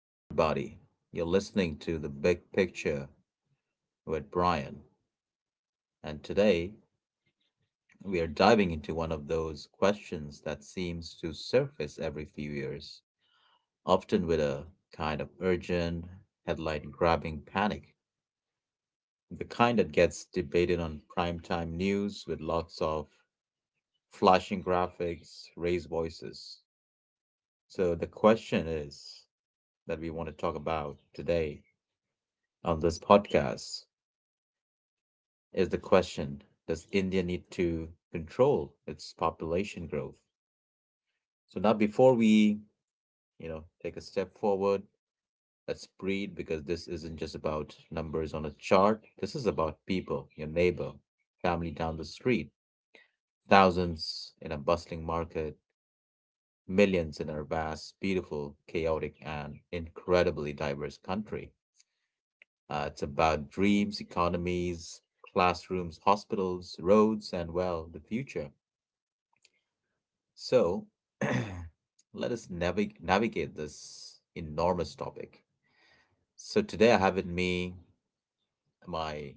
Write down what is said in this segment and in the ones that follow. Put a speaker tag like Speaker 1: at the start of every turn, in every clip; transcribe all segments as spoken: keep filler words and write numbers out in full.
Speaker 1: everybody. You're listening to The Big Picture with Brian, and today we are diving into one of those questions that seems to surface every few years, often with a kind of urgent, headline grabbing panic. The kind that gets debated on primetime news with lots of flashing graphics, raised voices. So, the question is that we want to talk about today on this podcast is the question: does India need to control its population growth? So now before we you know, take a step forward, let's breathe because this isn't just about numbers on a chart. This is about people, your neighbor, family down the street, thousands in a bustling market, millions in our vast, beautiful, chaotic, and incredibly diverse country. Uh, it's about dreams, economies, classrooms, hospitals, roads, and well, the future. So let us navig- navigate this enormous topic. So today I have with me my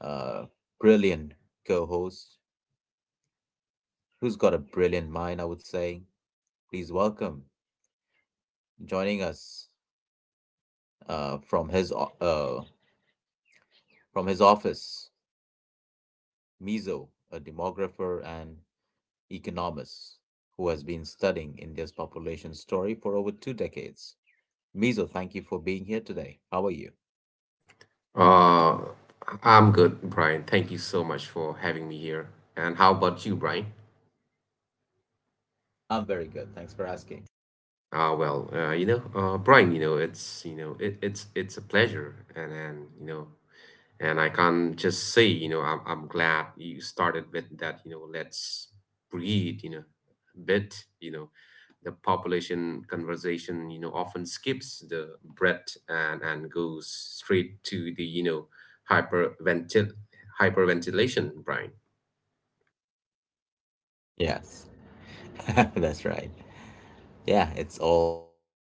Speaker 1: uh, brilliant co host who's got a brilliant mind, I would say. Please welcome joining us uh, from, his, o- uh, from his office, Mizo, a demographer and economist who has been studying India's population story for over two decades. Mizo, thank you for being here today. How are you?
Speaker 2: Uh, I'm good, Brian. Thank you so much for having me here. And how about you, Brian?
Speaker 1: I'm very good. Thanks for asking.
Speaker 2: Uh, well, uh, you know, uh, Brian, you know, it's you know, it, it's it's a pleasure, and and you know, and I can just say, you know, I'm I'm glad you started with that. You know, let's breathe, you know, bit, you know, the population conversation, you know, often skips the breath and and goes straight to the, you know, hyperventil hyperventilation, Brian.
Speaker 1: Yes, that's right. Yeah, it's all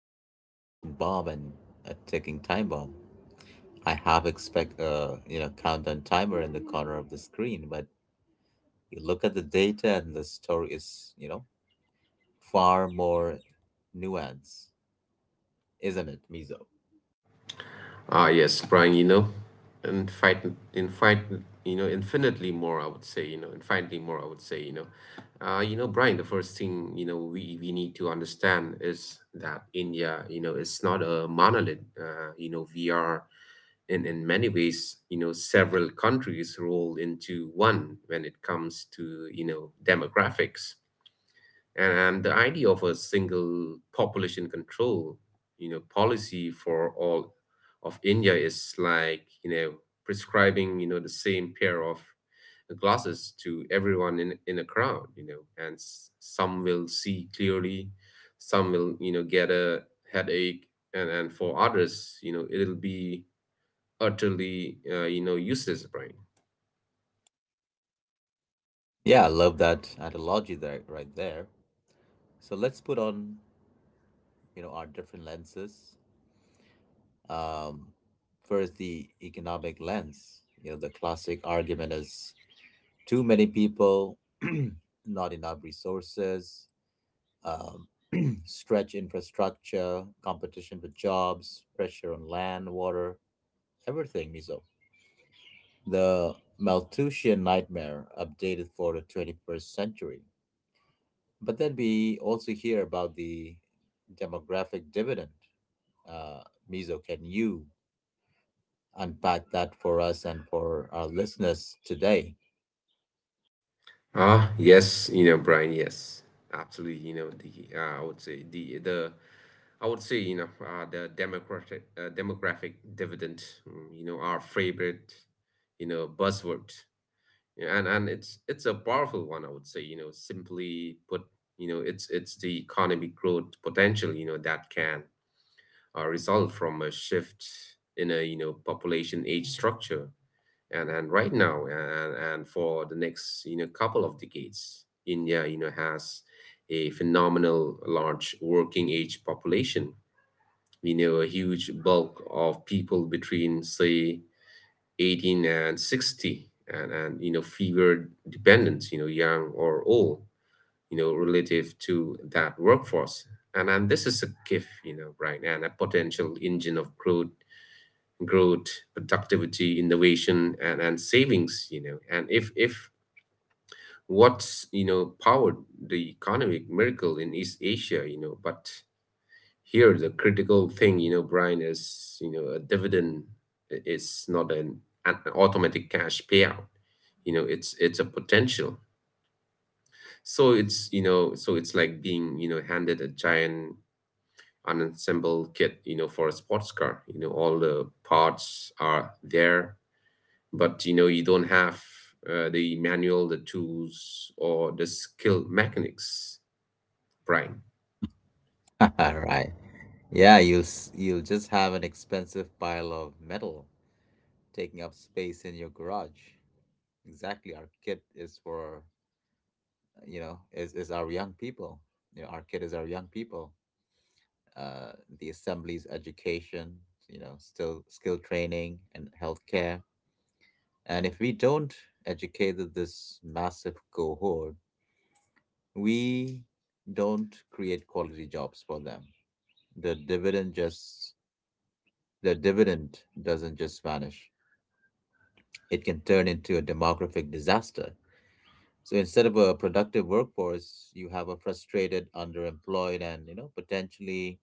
Speaker 1: a population bomb and a ticking time bomb. I have expect a you know countdown timer in the corner of the screen, but you look at the data and the story is you know far more nuanced, isn't it, Mizo?
Speaker 2: Ah, yes, Brian, you know, and fight, in fight, you know, infinitely more, I would say, you know, infinitely more, I would say, you know. Uh, you know, Brian, the first thing, you know, we, we need to understand is that India, you know, it's not a monolith. Uh, you know, we are in, in many ways, you know, several countries rolled into one when it comes to, you know, demographics and, and the idea of a single population control you know policy for all of India is like, you know prescribing, you know the same pair of glasses to everyone in, in a crowd, you know and s- some will see clearly, some will, you know get a headache, and and for others, you know it'll be utterly, uh, you know useless, brain
Speaker 1: Yeah, I love that analogy there, right there. So let's put on you know our different lenses. Um, First, the economic lens. You know, the classic argument is: too many people, not enough resources, um, stretched infrastructure, competition for jobs, pressure on land, water, everything, Mizo. The Malthusian nightmare updated for the twenty-first century. But then we also hear about the demographic dividend. Uh, Mizo, can you unpack that for us and for our listeners today?
Speaker 2: Ah, yes, you know, Brian, yes, absolutely. You know, the uh, I would say the the I would say you know uh, the democratic uh, demographic dividend. mm, You know, our favorite, you know, buzzword. Yeah, and and it's it's a powerful one. I would say, you know, simply put, you know, it's it's the economic growth potential You know, that can, uh, result from a shift in a, you know population age structure. And and right now, and and for the next, you know couple of decades, India, you know has a phenomenal large working age population. We know A huge bulk of people between, say, eighteen and sixty, and, and you know figure dependent, you know young or old, you know relative to that workforce. And and this is a gift, you know right, and a potential engine of growth, growth, productivity, innovation, and, and savings, you know. And if if what's you know powered the economic miracle in East Asia. You know, but here the critical thing, you know, Brian, is, you know, a dividend i- is not an, an automatic cash payout. You know, it's it's a potential. So it's you know, so it's like being, you know, handed a giant unassembled kit, you know, for a sports car. You know, all the parts are there, but, you know you don't have, uh, the manual, the tools, or the skill mechanics, right?
Speaker 1: Right. Yeah, you'll s- you'll just have an expensive pile of metal taking up space in your garage. Exactly, our kit is for you know is is our young people. You know, our kit is our young people. Uh, the assembly's education, you know, still skill training and healthcare. And if we don't educate th- this massive cohort, we don't create quality jobs for them. The dividend just the dividend doesn't just vanish, it can turn into a demographic disaster. So instead of a productive workforce, you have a frustrated, underemployed, and you know potentially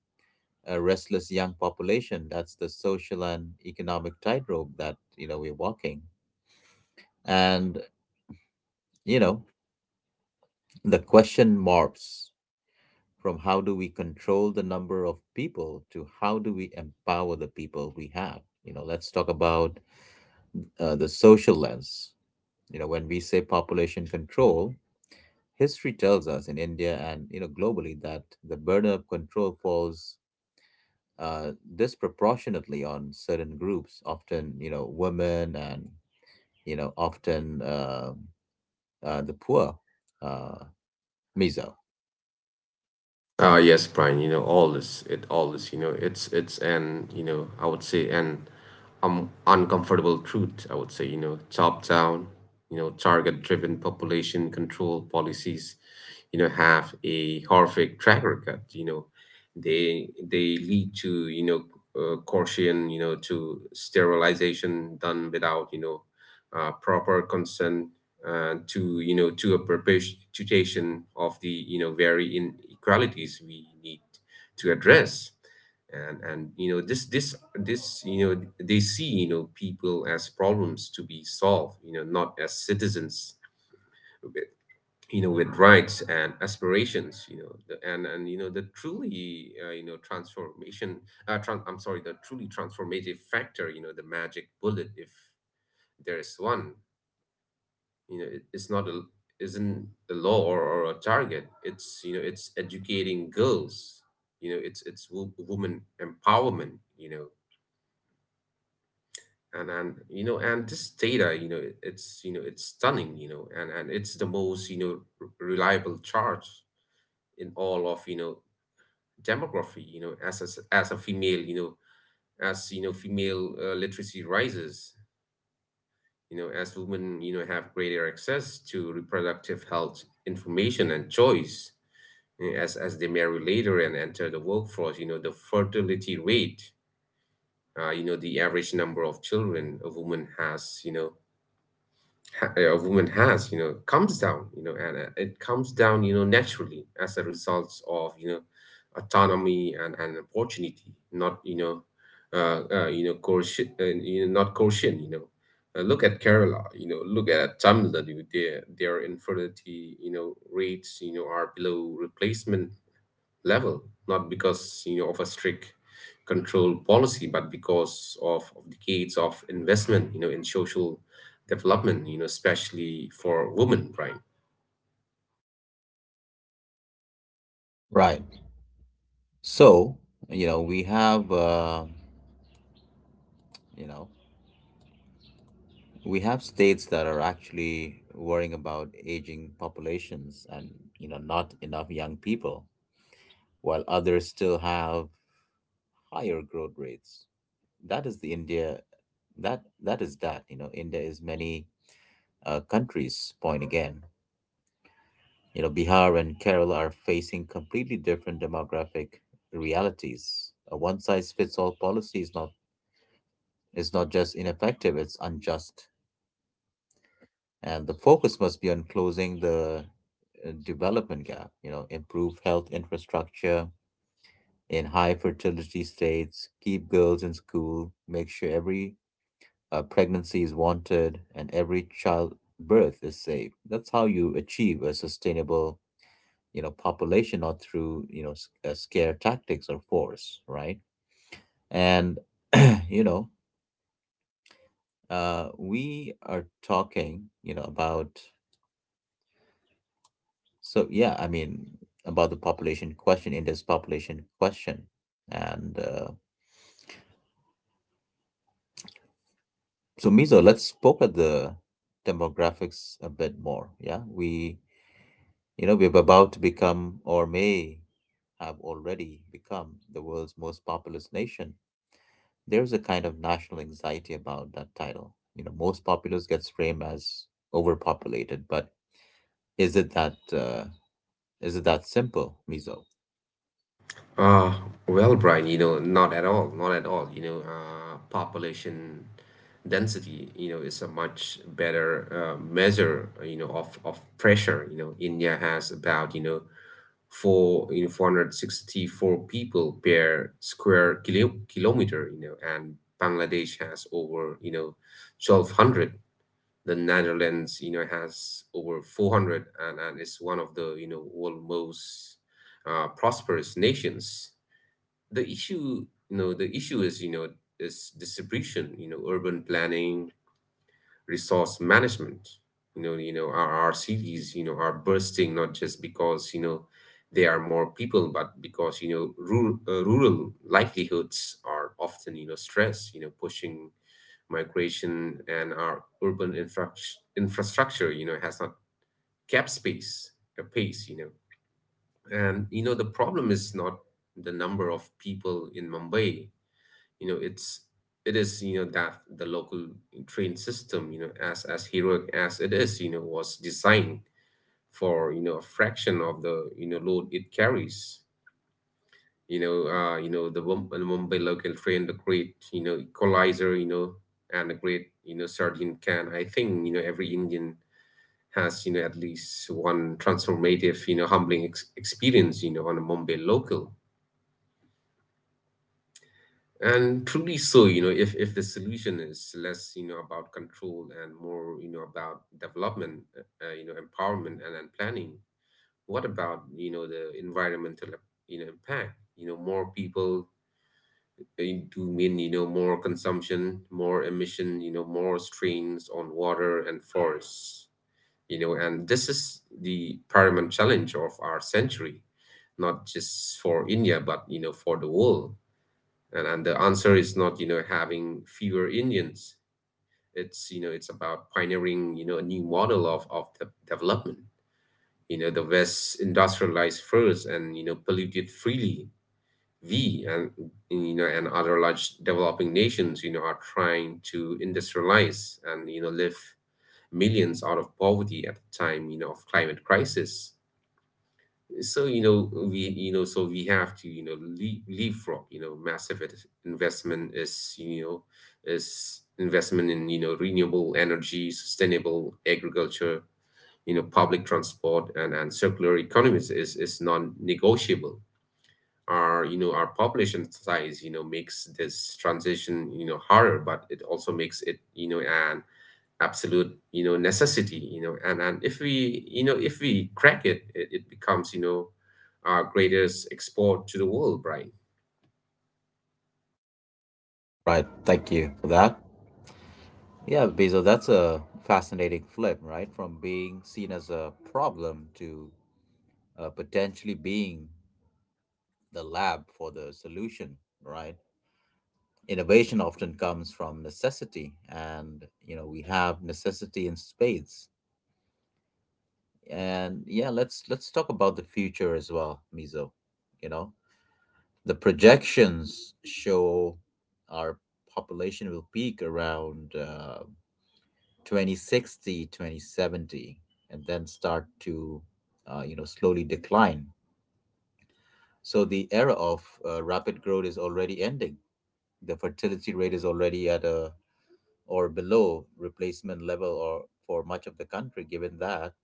Speaker 1: a restless young population. That's the social and economic tightrope that you know we're walking. And you know the question morphs from how do we control the number of people to how do we empower the people we have. You know, let's talk about uh, the social lens. You know, when we say population control, history tells us in India and you know globally that the burden of control falls uh, disproportionately on certain groups, often you know women and you know often uh, uh, the poor, uh, Mizo.
Speaker 2: Uh, yes, Brian, you know, all this, it, all this, you know, it's, it's an, you know, I would say an um, uncomfortable truth, I would say. You know, top down, you know, target driven population control policies, you know, have a horrific track record. You know, they, they lead to, you know, uh, coercion, you know, to sterilization done without, you know, uh, proper consent, uh, to, you know to a perpetuation of the, you know very inequalities we need to address. And and you know This, this this you know, they see, you know people as problems to be solved, you know not as citizens with, you know with rights and aspirations. you know the, and and you know The truly, uh, you know transformation uh, tran- I'm sorry the truly transformative factor, you know the magic bullet, if there is one, you know it, it's not a isn't a law, or, or a target. It's you know it's educating girls, you know it's it's wo- woman empowerment. You know and and you know and this data, you know it- it's, you know it's stunning, you know and and it's the most, you know r- reliable chart in all of, you know demography. You know as as, as a female, you know as you know female, uh, literacy rises, you know as women, you know have greater access to reproductive health information and choice, as, as they marry later and enter the workforce, you know, the fertility rate, uh, you know, the average number of children a woman has, you know, ha- a woman has, you know, comes down, you know, and uh, it comes down, you know, naturally as a result of, you know, autonomy and, and opportunity, not, you know, uh, uh, you know, coercion, uh, you know, not coercion. you know. Uh, look at Kerala, you know, look at Tamil Nadu, their, their infertility, you know, rates, you know, are below replacement level, not because, you know of a strict control policy, but because of, of decades of investment, you know, in social development, you know, especially for women, Brian.
Speaker 1: Right. So you know we have uh, you know we have states that are actually worrying about aging populations and you know not enough young people, while others still have higher growth rates. That is the India, that that is that you know India is many uh, countries point again. You know Bihar and Kerala are facing completely different demographic realities. A one size fits all policy is not is not just ineffective, it's unjust, and the focus must be on closing the uh, development gap. You know improve health infrastructure in high fertility states, keep girls in school, make sure every uh, pregnancy is wanted, and every childbirth is safe. That's how you achieve a sustainable, you know, population, not through you know s- uh, scare tactics or force, right? And you know, uh, we are talking, you know, about so yeah, I mean about the population question, India's population question, and uh, so Mizo, let's poke at the demographics a bit more. Yeah, we you know we're about to become or may have already become the world's most populous nation. There's a kind of national anxiety about that title. You know, most populous gets framed as overpopulated, but is it that uh, is it that simple, Mizo?
Speaker 2: Uh, well, Brian, you know, not at all, not at all. You know, uh, population density, you know, is a much better, uh, measure, you know, of, of pressure. You know, India has about, you know, for you know four hundred sixty-four people per square kilo, kilometer, you know and Bangladesh has over, you know twelve hundred, the Netherlands, you know has over four hundred, and, and is one of the, you know world most, uh, prosperous nations. The issue you know the issue is, you know is distribution, you know urban planning, resource management. You know, you know, our, our cities, you know, are bursting not just because, you know there are more people, but because, you know rural, uh, rural livelihoods are often, you know stressed. You know, pushing migration, and our urban infra- infrastructure, you know, has not kept space a pace. You know, and you know The problem is not the number of people in Mumbai, you know it's it is you know that the local train system, you know as as heroic as it is, you know was designed for, you know a fraction of the, you know load it carries. You know uh you know the Mum- the Mumbai local train, the great, you know equalizer, you know and the great, you know sardine can. I think, you know every Indian has, you know at least one transformative, you know humbling ex- experience, you know on a Mumbai local. And truly so, you know, if, if the solution is less, you know, about control and more, you know, about development, uh, uh, you know, empowerment and, and planning, what about, you know, the environmental, you know, impact? You know, more people, eh, do mean, you know, more consumption, more emission, you know, more strains on water and forests. You know, and this is the paramount challenge of our century, not just for India, but, you know, for the world. And, and the answer is not, you know, having fewer Indians. It's, you know, it's about pioneering, you know, a new model of, of de- development. You know, the West industrialized first and, you know, polluted freely. We and, you know, And other large developing nations, you know, are trying to industrialize and, you know, lift millions out of poverty at the time, you know, of climate crisis. So you know we you know so we have to, you know leap leapfrog. You know massive it- investment is, you know is investment in, you know renewable energy, sustainable agriculture, you know public transport, and and circular economies is, is non-negotiable. Our you know our population size, you know makes this transition, you know harder, but it also makes it, you know an absolute, you know necessity. You know and and if we, you know if we crack it, it, it becomes, you know our greatest export to the world, Brian.
Speaker 1: Right. Thank you for that. Yeah, Mizo, that's a fascinating flip, right? From being seen as a problem to uh, potentially being the lab for the solution, right? Innovation often comes from necessity, and you know we have necessity in spades. And yeah, let's let's talk about the future as well, Mizo. You know, the projections show our population will peak around uh, twenty sixty, and then start to uh, you know slowly decline. So the era of uh, rapid growth is already ending. The fertility rate is already at a or below replacement level or for much of the country. Given that,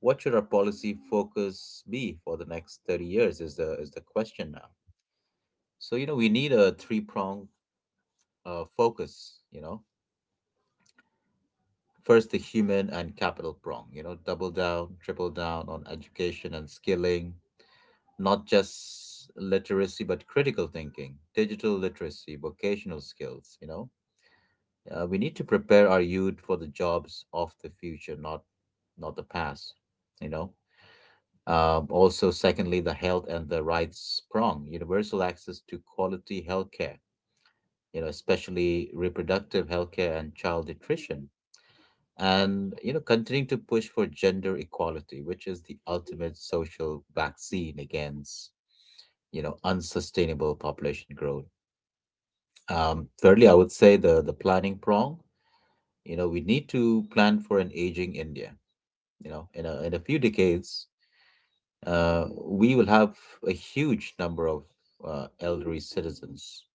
Speaker 1: what should our policy focus be for the next thirty years is the is the question now. So you know we need a three prong uh, focus. You know first the human and capital prong, you know double down triple down on education and skilling, not just literacy but critical thinking, digital literacy, vocational skills, you know. Uh, we need to prepare our youth for the jobs of the future, not not the past. You know. Um, also, secondly, the health and the rights prong, universal access to quality healthcare. You know, especially reproductive healthcare and child nutrition, and you know, continuing to push for gender equality, which is the ultimate social vaccine against you know unsustainable population growth. Um, thirdly, I would say the the planning prong. You know, we need to plan for an aging India. You know, in a, in a few decades, uh, we will have a huge number of uh, elderly citizens.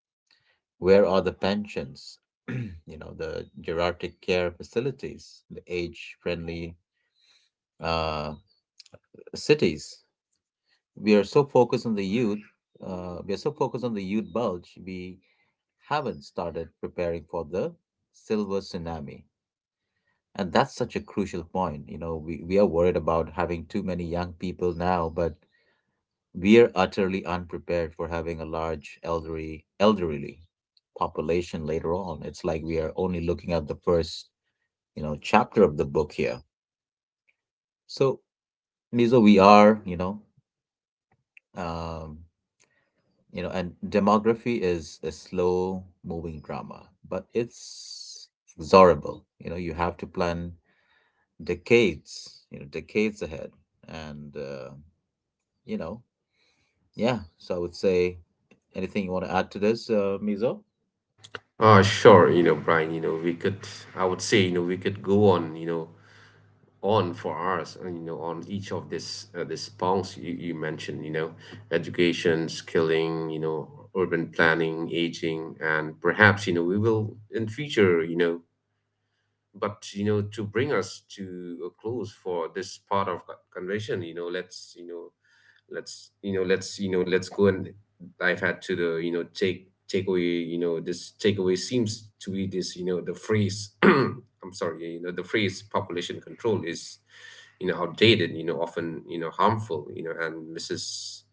Speaker 1: Where are the pensions? You know, the geriatric care facilities, the age-friendly uh, cities. We are so focused on the youth. Uh, we are so focused on the youth bulge. We haven't started preparing for the silver tsunami. And that's such a crucial point. You know, we, we are worried about having too many young people now, but we're utterly unprepared for having a large elderly elderly population later on. It's like we are only looking at the first, you know, chapter of the book here. So, Nizo, we are, you know, um, you know, and demography is a slow moving drama, but it's inexorable. You know, you have to plan decades, you know, decades ahead. And, uh, you know, yeah. So I would say anything you want to add to this, uh, Mizo?
Speaker 2: uh Sure, you know Brian, you know we could, I would say, you know we could go on, you know on for hours, uh, you know on each of this uh, this prongs you, you mentioned, you know education, skilling, you know urban planning, aging, and perhaps, you know we will in future. You know but you know To bring us to a close for this part of co- conversation, you know let's you know let's you know let's you know let's go and dive had to the, you know take takeaway. You know this takeaway seems to be this. You know the phrase I'm sorry you know the phrase population control is, you know outdated, you know often, you know harmful, you know and mrs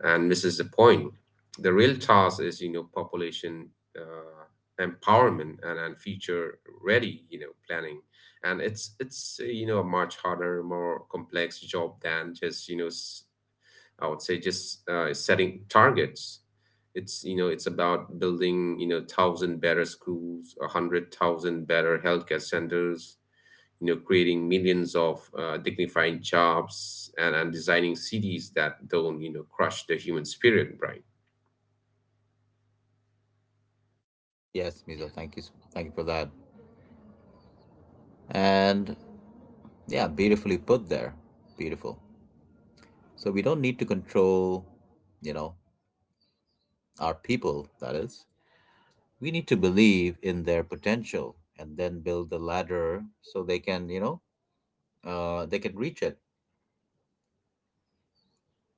Speaker 2: and misses the point. The real task is, you know, population, uh, empowerment and, and future ready, you know, planning. And it's it's uh, you know a much harder, more complex job than just, you know, s- I would say just, uh, setting targets. It's you know it's about building, you know thousand better schools, a hundred thousand better healthcare centers, you know creating millions of uh, dignifying jobs and, and designing cities that don't, you know crush the human spirit, Brian.
Speaker 1: Yes, Mizo, thank you. s- Thank you for that. And yeah, beautifully put there. Beautiful. So we don't need to control, you know, our people, that is. We need to believe in their potential and then build the ladder so they can, you know, uh, they can reach it.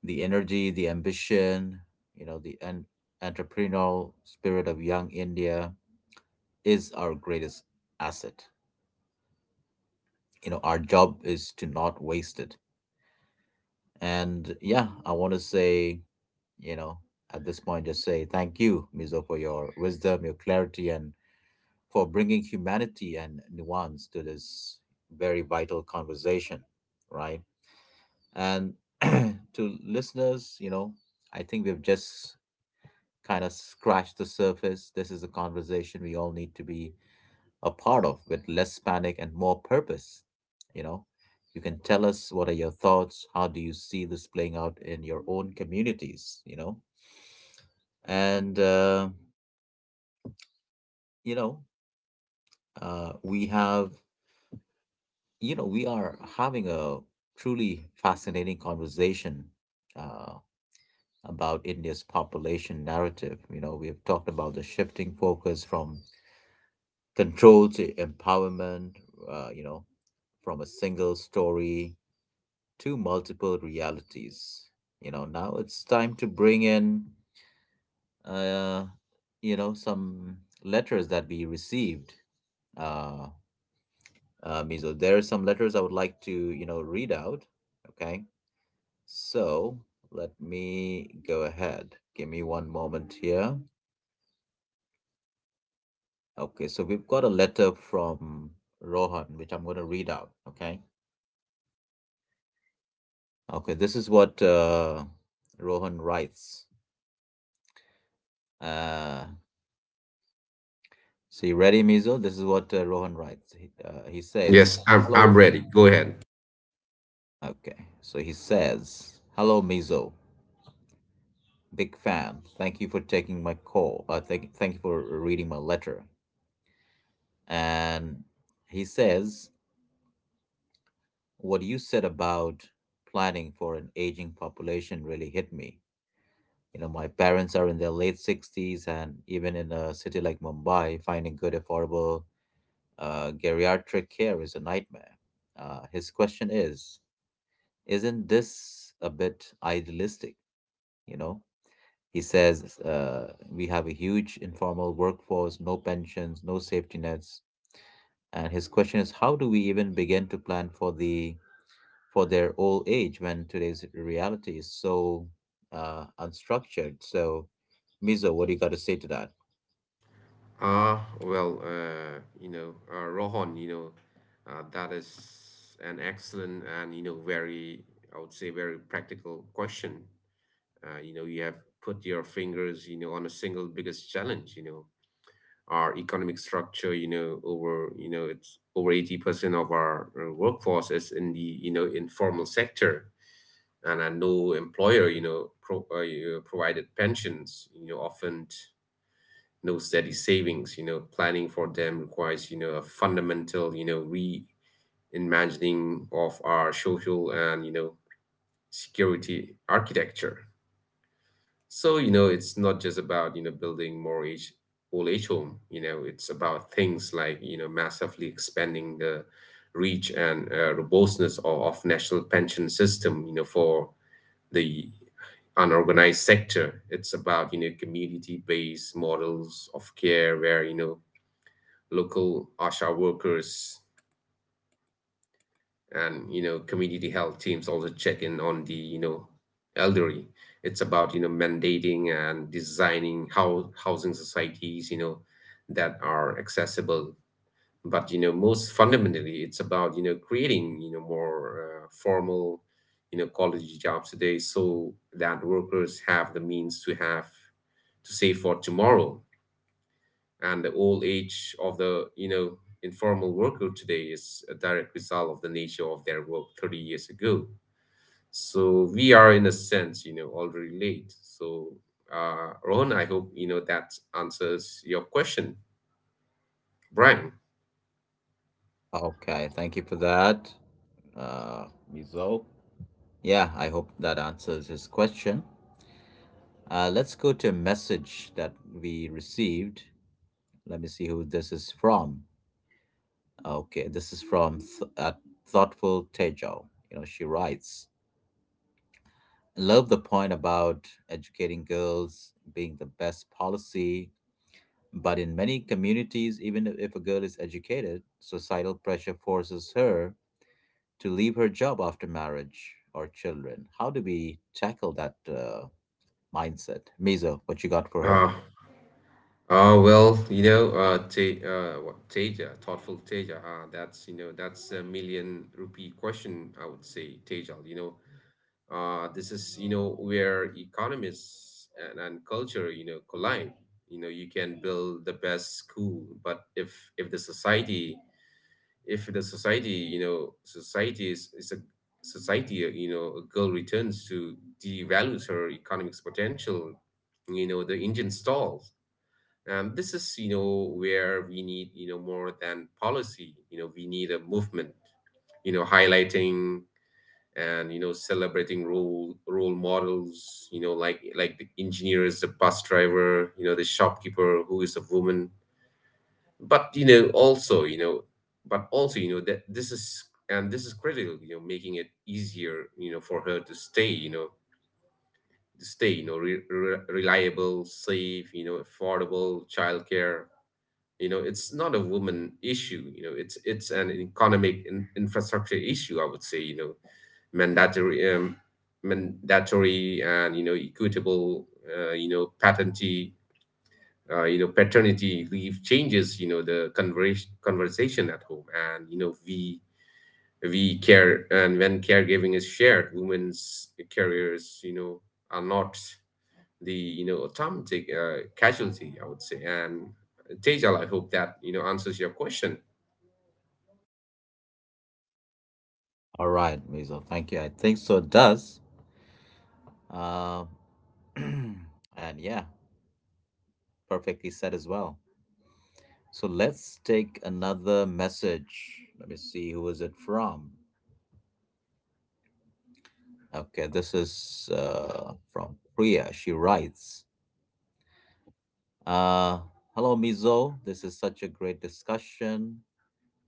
Speaker 1: The energy, the ambition, you know, the en- entrepreneurial spirit of young India is our greatest asset. You know, our job is to not waste it. And yeah, I want to say you know at this point just say thank you, Mizo, for your wisdom, your clarity, and for bringing humanity and nuance to this very vital conversation. Right. And to listeners, you know I think we've just kind of scratched the surface. This is a conversation we all need to be a part of, with less panic and more purpose. You know, you can tell us, what are your thoughts? How do you see this playing out in your own communities? You know, and uh, you know, uh, we have, you know, we are having a truly fascinating conversation uh, about India's population narrative. You know, we have talked about the shifting focus from control to empowerment, uh, you know, from a single story to multiple realities. You know, now it's time to bring in, uh, you know, some letters that we received. Uh, uh, Mizo. There are some letters I would like to, you know, read out. Okay. So let me go ahead. Give me one moment here. Okay. So we've got a letter from Rohan, which I'm going to read out. Okay. Okay. This is what uh, Rohan writes. Uh, so you ready, Mizo? This is what uh, Rohan writes. He, uh, he
Speaker 2: Yes,
Speaker 1: says,
Speaker 2: i'm, I'm
Speaker 1: "Hello."
Speaker 2: ready, go ahead.
Speaker 1: Okay. So he says, "Hello, Mizo. Big fan. Thank you for taking my call. Uh, thank, thank you for reading my letter." And he says, "What you said about planning for an aging population really hit me. You know, my parents are in their late sixties, and even in a city like Mumbai, finding good, affordable uh, geriatric care is a nightmare." Uh, his question is, isn't this a bit idealistic? You know, he says uh, we have a huge informal workforce, no pensions, no safety nets, and his question is how do we even begin to plan for the for their old age when today's reality is so uh, unstructured? So, Mizo, what do you got to say to that?
Speaker 2: Ah well, uh, you know uh, Rohan, you know uh, that is an excellent and, you know very, I would say, very practical question. uh, you know you have put your fingers, you know on a single biggest challenge. You know our economic structure, you know over you know it's over eighty percent of our uh, workforce is in the, you know informal sector. And uh, no employer, you know pro- uh, you know, provided pensions, you know often no steady savings. You know planning for them requires, you know a fundamental, you know reimagining of our social and, you know security architecture. So, you know, it's not just about, you know, building more age old age home. You know, it's about things like, you know, massively expanding the reach and uh, robustness of, of national pension system, you know, for the unorganized sector. It's about, you know, community-based models of care where, you know, local ASHA workers and, you know community health teams also check in on the, you know elderly. It's about, you know mandating and designing how housing societies, you know that are accessible. But, you know most fundamentally, it's about, you know creating, you know more uh, formal, you know quality jobs today so that workers have the means to have to save for tomorrow. And the old age of the, you know informal worker today is a direct result of the nature of their work thirty years ago. So we are, in a sense, you know already late. So uh Rohan, I hope, you know that answers your question, Brian.
Speaker 1: Okay, thank you for that, uh, Mizo. Yeah, I hope that answers his question. Uh, let's go to a message that we received. Let me see who this is from. Okay, this is from Th- uh, Thoughtful Tejo. You know, she writes, love the point about educating girls being the best policy, but in many communities, even if a girl is educated, societal pressure forces her to leave her job after marriage or children. How do we tackle that? Uh, mindset. Mizo, what you got for her?
Speaker 2: uh uh, well, you know, uh, te- uh, what, Teja, thoughtful Teja. Uh, that's, you know, that's a million rupee question, I would say, Teja. You know, Uh, this is, you know where economists and, and culture, you know collide. You know you can build the best school, but if if the society, if the society you know society is, is a society, you know a girl returns to, devalues her economic potential, you know the engine stalls. And this is, you know where we need, you know more than policy. You know we need a movement, you know highlighting and, you know celebrating role role models, you know like like the engineers, the bus driver, you know the shopkeeper who is a woman. But, you know also, you know but also you know that this is, and this is critical, you know making it easier, you know for her to stay you know to stay, you know re- re- reliable, safe, you know affordable childcare. You know it's not a woman issue, you know it's it's an economic in, infrastructure issue, I would say. you know mandatory um, Mandatory and, you know equitable, uh, you know paternity uh, you know paternity leave changes, you know the conversation conversation at home. And, you know we we care. And when caregiving is shared, women's careers, you know are not the, you know automatic uh, casualty, I would say. And uh, Tejal, I hope that, you know answers your question.
Speaker 1: All right, Mizo. Thank you. I think so it does. Uh, and Yeah, perfectly said as well. So let's take another message. Let me see who is it from. Okay, this is uh, from Priya. She writes, uh, "Hello, Mizo. This is such a great discussion.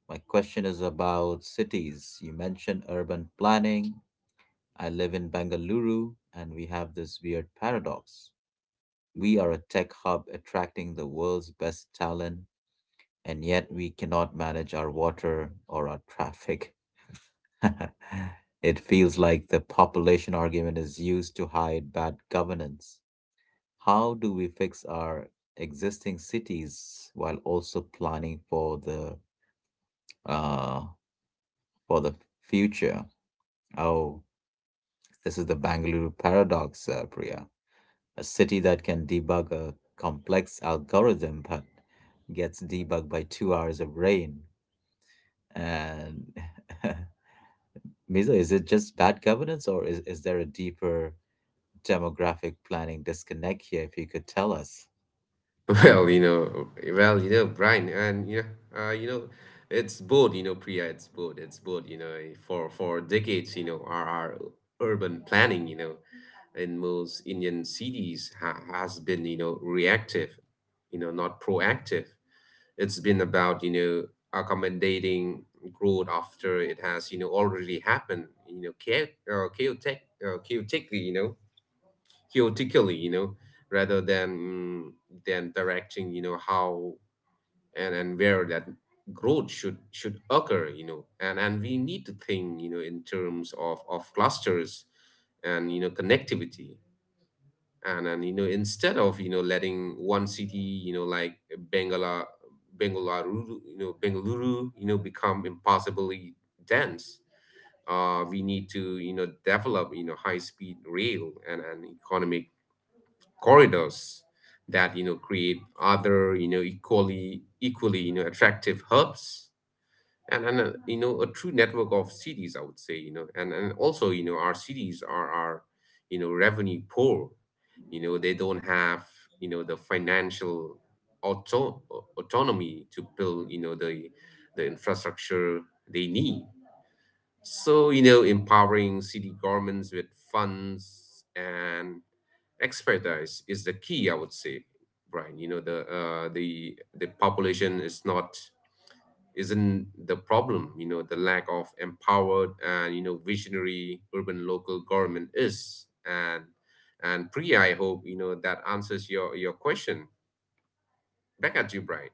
Speaker 1: My question is about cities. You mentioned urban planning. I live in Bengaluru, and we have this weird paradox. We are a tech hub attracting the world's best talent, and yet we cannot manage our water or our traffic." It feels like the population argument is used to hide bad governance. How do we fix our existing cities while also planning for the uh, for the future? Oh, this is the Bangalore paradox, uh, Priya. A city that can debug a complex algorithm but gets debugged by two hours of rain. And Mizo, is it just bad governance or is, is there a deeper demographic planning disconnect here, if you could tell us?
Speaker 2: Well, you know, well, you know, Brian, and, you know, uh, you know, it's both, you know, Priya, it's both, it's both, you know, for for decades, you know, our, our urban planning, you know, in most Indian cities ha has been, you know, reactive, you know, not proactive. It's been about, you know, accommodating growth after it has, you know, already happened, you know, cha uh, chaotic, uh, chaotically, you know, chaotically, you know, rather than mm, than directing, you know, how and and where that growth should should occur, you know, and and we need to think, you know, in terms of of clusters and, you know connectivity. And and you know instead of, you know letting one city, you know like Bengala Bengaluru, you know Bengaluru you know become impossibly dense. Uh we need to, you know develop, you know high speed rail and, and economic corridors that, you know create other, you know equally equally, you know attractive hubs and and uh, you know a true network of cities, I would say. You know and and Also, you know our cities are are, you know revenue poor. You know they don't have, you know the financial auto- autonomy to build, you know the the infrastructure they need. So, you know empowering city governments with funds and expertise is the key, I would say. Brian, you know the uh, the the population is not isn't the problem. You know the lack of empowered and, you know visionary urban local government is. And and Priya, I hope, you know that answers your your question. Back at you, Brian.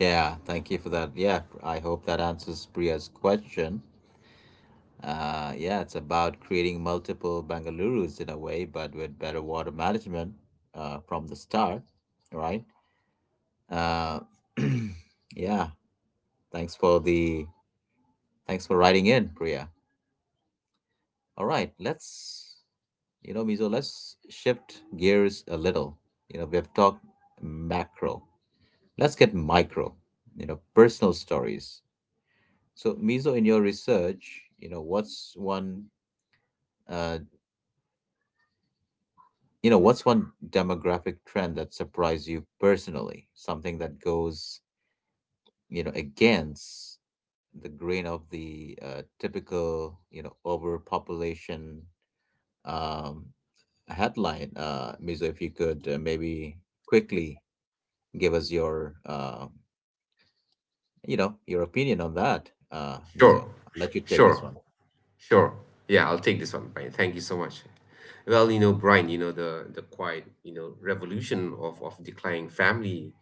Speaker 1: Yeah, thank you for that. Yeah, I hope that answers Priya's question. Uh, yeah, it's about creating multiple Bengalurus in a way, but with better water management uh, from the start, right? Uh, yeah, Thanks for the thanks for writing in, Priya. All right, let's you know, Mizo, let's shift gears a little. You know, we have talked macro. Let's get micro, you know, personal stories. So, Mizo, in your research, you know, what's one uh you know, what's one demographic trend that surprised you personally? Something that goes, you know, against the grain of the uh, typical, you know, overpopulation um, headline. uh, Mizo, if you could uh, maybe quickly give us your, uh, you know, your opinion on that, uh, Mizo.
Speaker 2: sure
Speaker 1: I'll
Speaker 2: sh-
Speaker 1: let you take this
Speaker 2: sure
Speaker 1: one.
Speaker 2: sure. Yeah, I'll take this one, Brian, thank you so much. Well, you know Brian, you know the the quiet, you know revolution of of declining family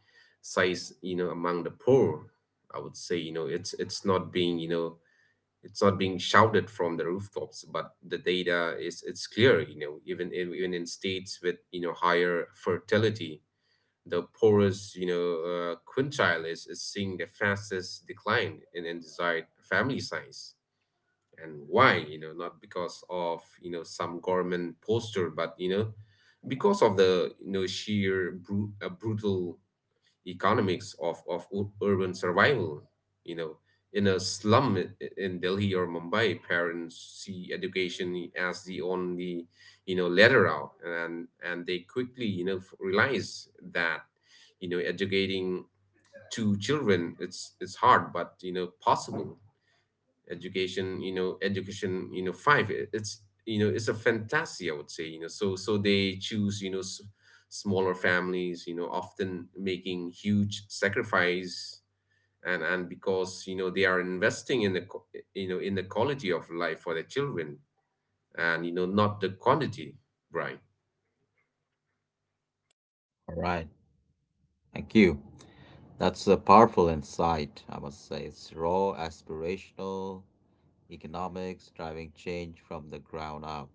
Speaker 2: size, you know among the poor, I would say. you know it's it's not being, you know it's not being shouted from the rooftops, but the data is, it's clear. You know even in- even in states with, you know higher fertility, the poorest, you know uh, quintile is, is seeing the fastest decline in, in desired family size. And why? You know not because of, you know some government poster, but, you know because of the, you know sheer bru- uh, brutal economics of, of u- urban survival. You know, in a slum i- i- in Delhi or Mumbai, parents see education as the only, you know ladder out, and and they quickly, you know f- realize that, you know educating two children, it's it's hard but, you know possible. Education, you know education you know five? It- it's, you know it's a fantasy, I would say. you know so so they choose, you know s- smaller families, you know often making huge sacrifice. And and because, you know they are investing in the qu- you know in the quality of life for their children, and, you know not the quantity, Brian.
Speaker 1: All right. Thank you. That's a powerful insight, I must say. It's raw, aspirational economics, driving change from the ground up.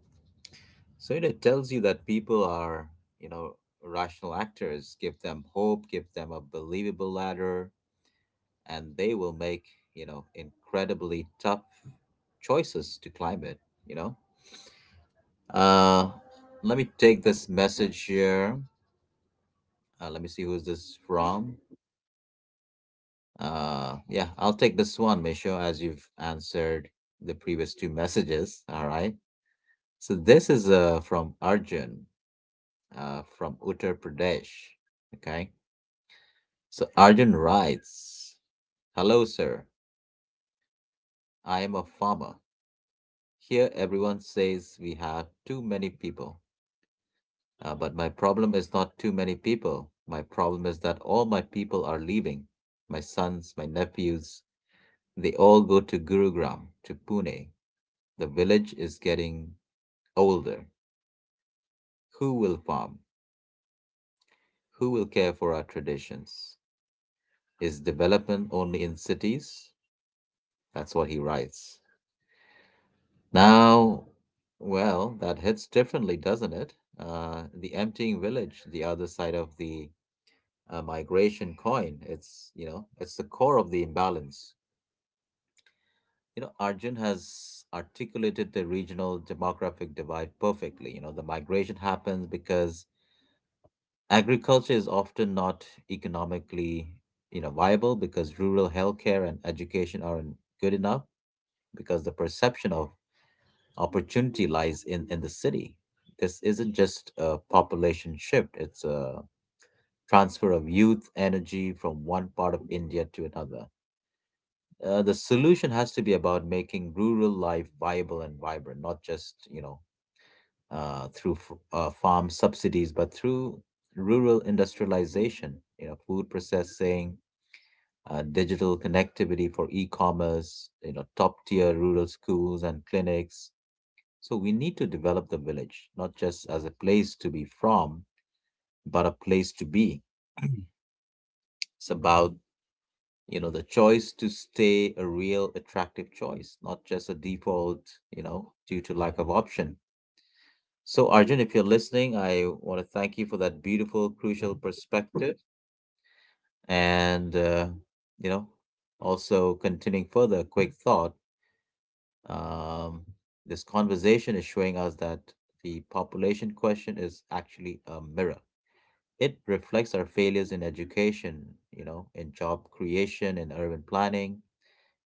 Speaker 1: So you know, it tells you that people are, you know, rational actors. Give them hope, give them a believable ladder, and they will make you know incredibly tough choices to climb it. you know uh Let me take this message here. Uh, let me see who's this from. Uh yeah, I'll take this one, Misho, as you've answered the previous two messages. All right, so this is uh from Arjun, uh from Uttar Pradesh. Okay, so Arjun writes, "Hello sir, I am a farmer. Here everyone says we have too many people. Uh, but my problem is not too many people. My problem is that all my people are leaving. My sons, my nephews, they all go to Gurugram, to Pune. The village is getting older. Who will farm? Who will care for our traditions? Is development only in cities?" That's what he writes. Now, well, that hits differently, doesn't it? Uh, the emptying village, the other side of the a migration coin. It's, you know, it's the core of the imbalance. You know, Arjun has articulated the regional demographic divide perfectly. You know, the migration happens because agriculture is often not economically, you know, viable, because rural healthcare and education aren't good enough, because the perception of opportunity lies in in the city. This isn't just a population shift, it's a transfer of youth energy from one part of India to another. Uh, the solution has to be about making rural life viable and vibrant, not just you know uh, through f- uh, farm subsidies, but through rural industrialization. You know, food processing, uh, digital connectivity for e-commerce. You know, top tier rural schools and clinics. So we need to develop the village, not just as a place to be from, but a place to be. It's about you know the choice to stay, a real attractive choice, not just a default you know due to lack of option. So Arjun, if you're listening, I want to thank you for that beautiful, crucial perspective. And uh, you know, also continuing further, quick thought. um, this conversation is showing us that the population question is actually a mirror. It reflects our failures in education, you know, in job creation, in urban planning,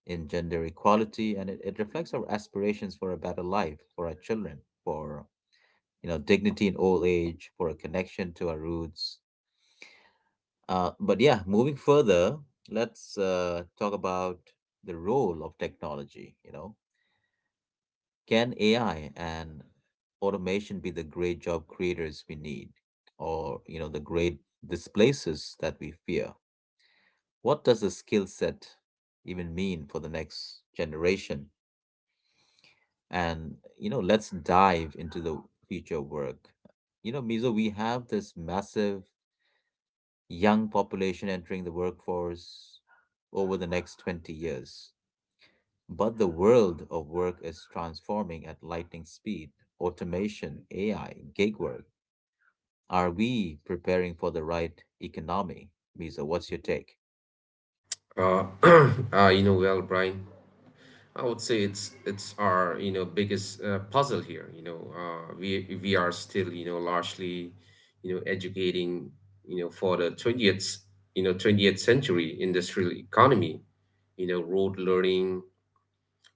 Speaker 1: in gender equality, and it, it reflects our aspirations for a better life for our children, for you know dignity in old age, for a connection to our roots. Uh, but yeah, moving further, let's uh, talk about the role of technology. You know, can A I and automation be the great job creators we need, or you know the great displacers that we fear? What does the skill set even mean for the next generation? And you know, let's dive into the future work. You know, Mizo, we have this massive young population entering the workforce over the next twenty years, but the world of work is transforming at lightning speed. Automation, AI, gig work, are we preparing for the right economy? Mizo, what's your take?
Speaker 2: uh, uh you know well, Brian, I would say it's it's our, you know biggest uh, puzzle here. You know, uh, we we are still, you know largely, you know educating, you know for the twentieth you know twentieth century industrial economy. You know, rote learning.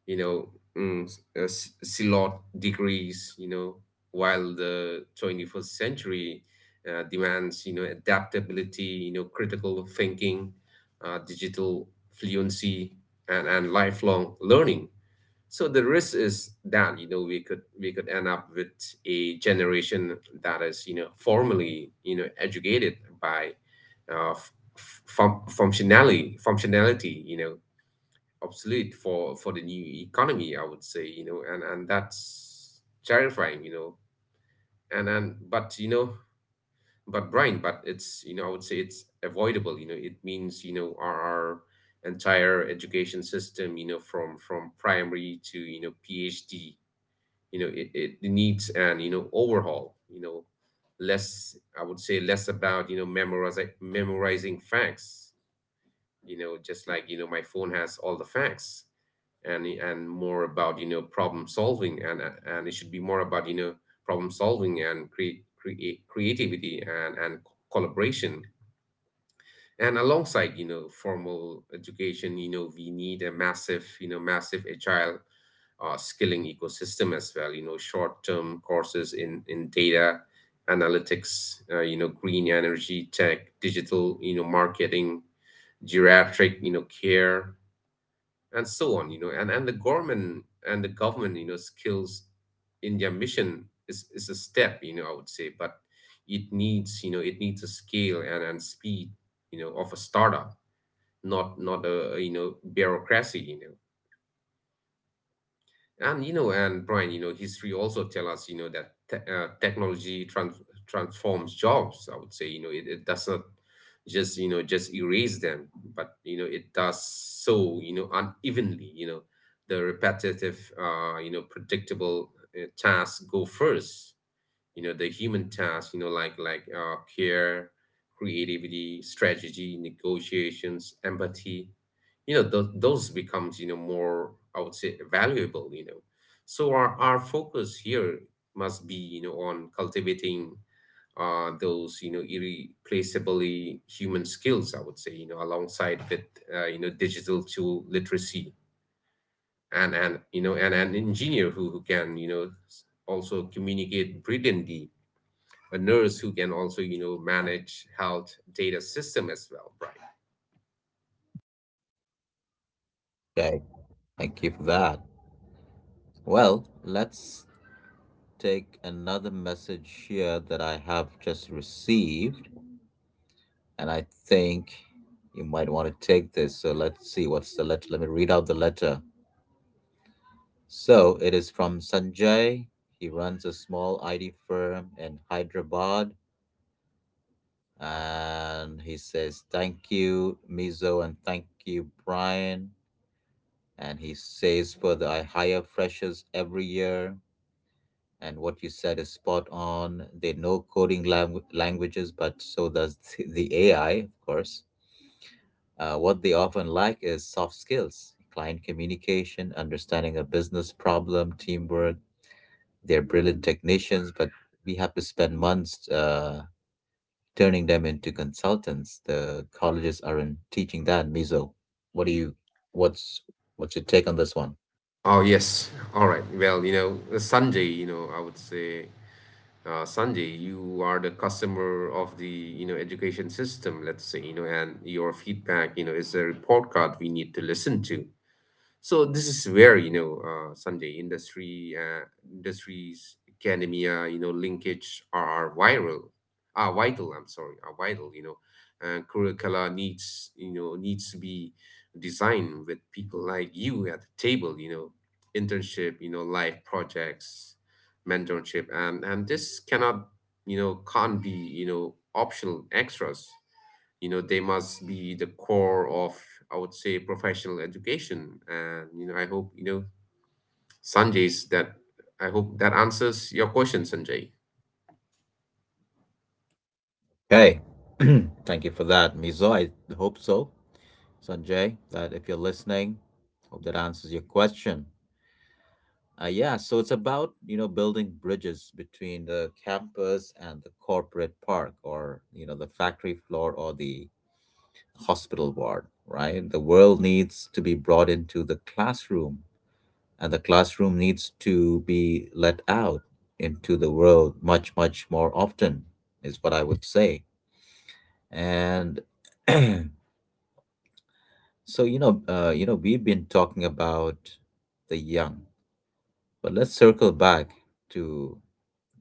Speaker 2: You know, mm, s- uh, s- Silot degrees. You know, while the twenty first century uh, demands, you know adaptability. You know, critical thinking, uh, digital fluency, and and lifelong learning. So the risk is that, you know we could we could end up with a generation that is, you know formally, you know educated by, uh, f- f- fun- functionality, functionality you know obsolete for for the new economy, I would say. You know and and that's terrifying, you know and and but, you know but Brian, but it's, you know I would say, it's avoidable. You know it means, you know our, our entire education system, you know from from primary to, you know PhD, you know it, it needs an, you know overhaul. You know less, I would say, less about, you know memorizing memorizing facts, you know just like, you know my phone has all the facts, and and more about, you know problem solving. and and it should be more about, you know problem solving and create create creativity and and collaboration. And alongside, you know formal education, you know we need a massive, you know massive agile uh, skilling ecosystem as well. You know short term courses in in data analytics, uh, you know green energy tech, digital, you know marketing, geriatric, you know care, and so on. You know and and The government, and the government you know skills in their mission is is a step, you know I would say, but it needs, you know it needs a scale and and speed, you know of a startup, not not a, you know bureaucracy. You know and you know and Brian, you know history also tell us, you know that te- uh, technology trans- transforms jobs, I would say. You know it, it does not just, you know just erase them. But, you know it does so, you know unevenly. You know the repetitive, uh you know predictable uh, tasks go first. You know the human tasks, you know like like uh care, creativity, strategy, negotiations, empathy. you know those those becomes, you know more, I would say, valuable. You know so our, our focus here must be, you know on cultivating uh, those, you know irreplaceably human skills, I would say, you know alongside with, uh, you know digital tool literacy and and you know and an engineer who, who can, you know s- also communicate brilliantly. A nurse who can also, you know manage health data system as well, right?
Speaker 1: Okay, thank you for that. Well, let's take another message here that I have just received. And I think you might want to take this. So let's see what's the letter. Let me read out the letter. So it is from Sanjay. He runs a small I T firm in Hyderabad. And he says, "Thank you, Mizo, and thank you, Brian." And he says, further, "I hire freshers every year. And what you said is spot on. They know coding langu- languages, but so does th- the A I, of course. Uh, what they often lack is soft skills, client communication, understanding a business problem, teamwork. They're brilliant technicians, but we have to spend months uh, turning them into consultants. The colleges aren't teaching that, Mizo." What do you, what's, what's your take on this one?
Speaker 2: Oh, yes. All right. Well, you know, uh, Sanjay, you know, I would say, uh, Sanjay, you are the customer of the, you know, education system, let's say, you know, and your feedback, you know, is a report card we need to listen to. So this is where you know uh, someday industry uh, industries academia you know linkage are are viral are vital. I'm sorry, are vital. You know, uh, curricula needs you know needs to be designed with people like you at the table. You know, internship. You know, life projects, mentorship, and and this cannot you know can't be you know optional extras. You know they must be the core of, I would say, professional education. And you know I hope, you know sanjay's that I hope that answers your question, Sanjay.
Speaker 1: Hey, thank you for that, Mizo. I hope so, Sanjay, that if you're listening, hope that answers your question. Uh, yeah, so it's about, you know, building bridges between the campus and the corporate park, or, you know, the factory floor or the hospital ward, right? The world needs to be brought into the classroom and the classroom needs to be let out into the world much, much more often is what I would say. And so, you know, uh, you know, we've been talking about the young, but let's circle back to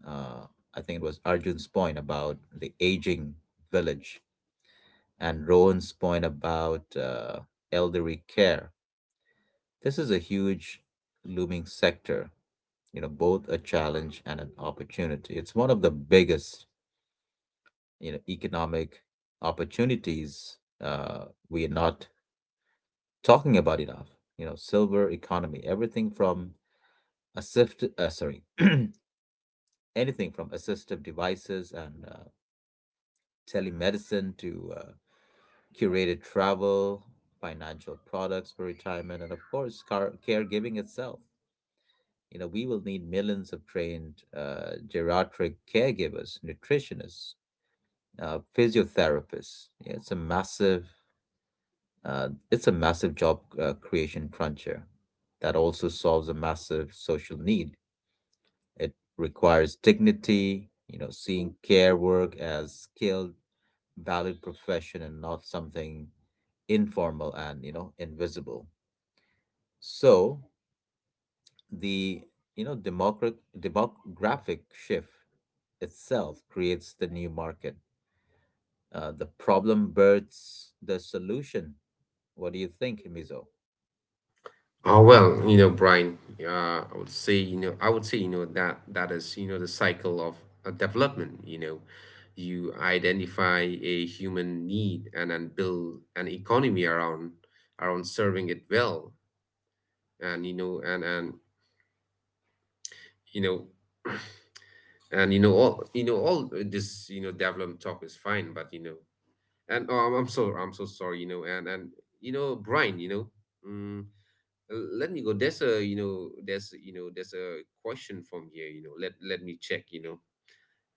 Speaker 1: uh, I think it was Arjun's point about the aging village and Rowan's point about uh, elderly care. This is a huge looming sector, you know, both a challenge and an opportunity. It's one of the biggest, you know, economic opportunities uh, we are not talking about enough. You know, silver economy, everything from assist, uh, sorry, anything from assistive devices and uh, telemedicine to uh, curated travel, financial products for retirement, and of course, car- caregiving itself. You know, we will need millions of trained uh, geriatric caregivers, nutritionists, uh, physiotherapists. Yeah, it's a massive, uh, it's a massive job uh, creation cruncher that also solves a massive social need. It requires dignity, you know, seeing care work as skilled, valued profession and not something informal and you know invisible. So the you know democrat demographic shift itself creates the new market. Uh, the problem births the solution. What do you think, Mizo?
Speaker 2: oh well you know Brian, uh, I would say you know I would say you know that that is, you know, the cycle of uh, development. You know, you identify a human need and then build an economy around, around serving it well. And you know and and you know and you know all you know All this, you know, development talk is fine, but you know and oh, I'm, I'm so, i'm so sorry. You know and and you know Brian, you know mm, let me go, there's a, you know there's you know there's a question from here. You know let let me check. you know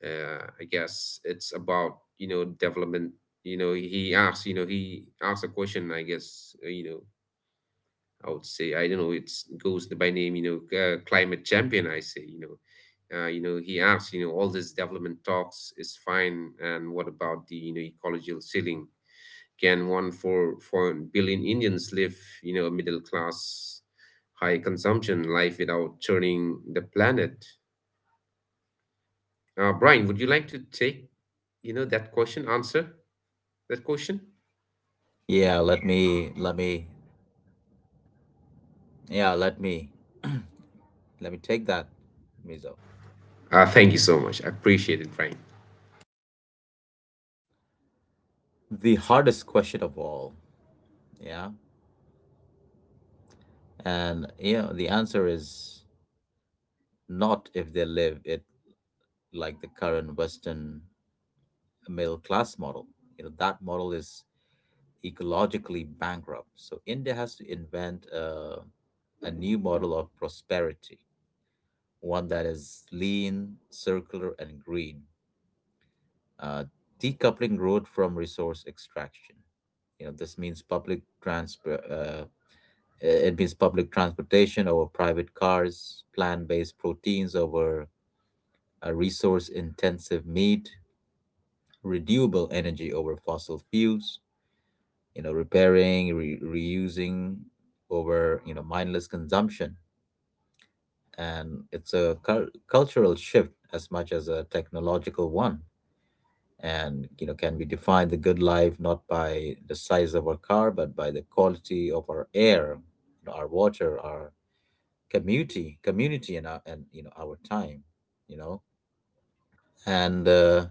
Speaker 2: uh, I guess it's about, you know, development. You know he asks you know he asks a question, I guess. uh, you know I would say, I don't know. It's goes by name, you know, uh, climate champion, I say. You know, uh, you know, he asks, you know, all this development talks is fine, and what about the, you know ecological ceiling? Can one for four billion Indians live, you know, middle class, high consumption life without turning the planet? Uh, Brian, would you like to take, you know, that question? Answer that question.
Speaker 1: Yeah, let me let me yeah let me let me take that, Mizo.
Speaker 2: Uh, thank you so much. I appreciate it, Brian.
Speaker 1: The hardest question of all, yeah, and you know the answer is not if they live it like the current Western middle class model. You know, that model is ecologically bankrupt. So India has to invent uh, a new model of prosperity, one that is lean, circular, and green, uh, decoupling growth from resource extraction. You know, this means public transport. Uh, it means public transportation over private cars, plant-based proteins over uh, resource-intensive meat, renewable energy over fossil fuels, you know, repairing, re- reusing over, you know, mindless consumption. And it's a cul- cultural shift as much as a technological one. And, you know, can we define the good life not by the size of our car, but by the quality of our air, you know, our water, our community, community and, our, and you know, our time, you know? And uh,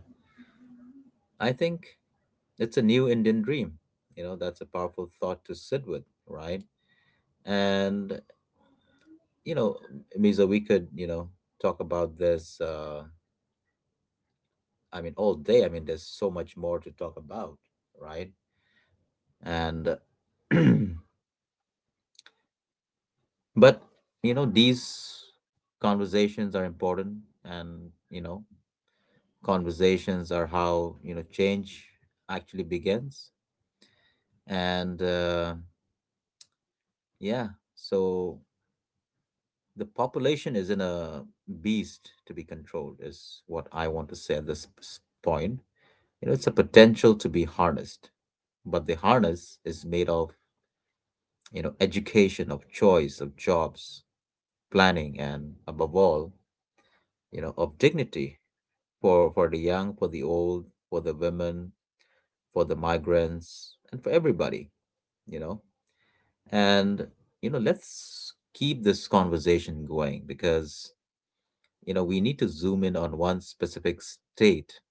Speaker 1: I think it's a new Indian dream. You know, that's a powerful thought to sit with, right? And you know, Misa, we could, you know, talk about this, uh, I mean, all day. I mean, there's so much more to talk about, right? And, but, you know, these conversations are important. And, you know, conversations are how, you know, change actually begins. And, uh, yeah, so the population isn't a beast to be controlled, is what I want to say at this point. You know, it's a potential to be harnessed, but the harness is made of, you know, education, of choice, of jobs, planning, and above all, you know, of dignity, for for the young, for the old, for the women, for the migrants, and for everybody, you know. And, you know, let's keep this conversation going, because, you know, we need to zoom in on one specific state.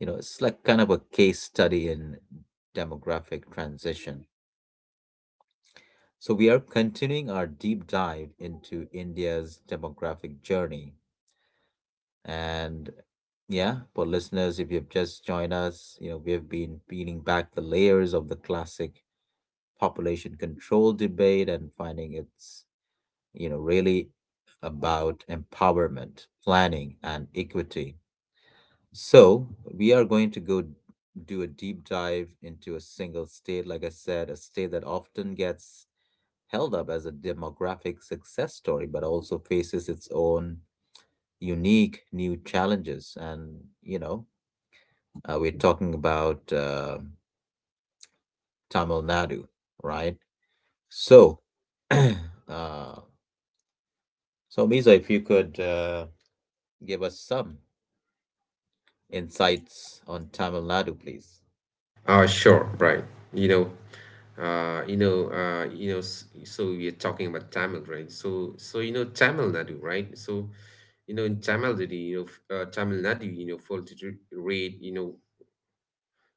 Speaker 1: You know, it's like kind of a case study in demographic transition. So, we are continuing our deep dive into India's demographic journey. And yeah, for listeners, if you've just joined us, you know, we have been peeling back the layers of the classic population control debate and finding it's, you know, really about empowerment, planning, and equity. So, we are going to go do a deep dive into a single state, like I said, a state that often gets held up as a demographic success story, but also faces its own unique new challenges. And, you know, uh, we're talking about uh, Tamil Nadu, right? So, uh, so Misa, if you could uh, give us some insights on Tamil Nadu, please.
Speaker 2: Uh, sure, right. You know, uh, you know, uh, you know. S- So we are talking about Tamil, right? So, so you know, Tamil Nadu, right? So, you know, in Tamil Nadu, you know, f- uh, Tamil Nadu, you know, fertility rate, you know,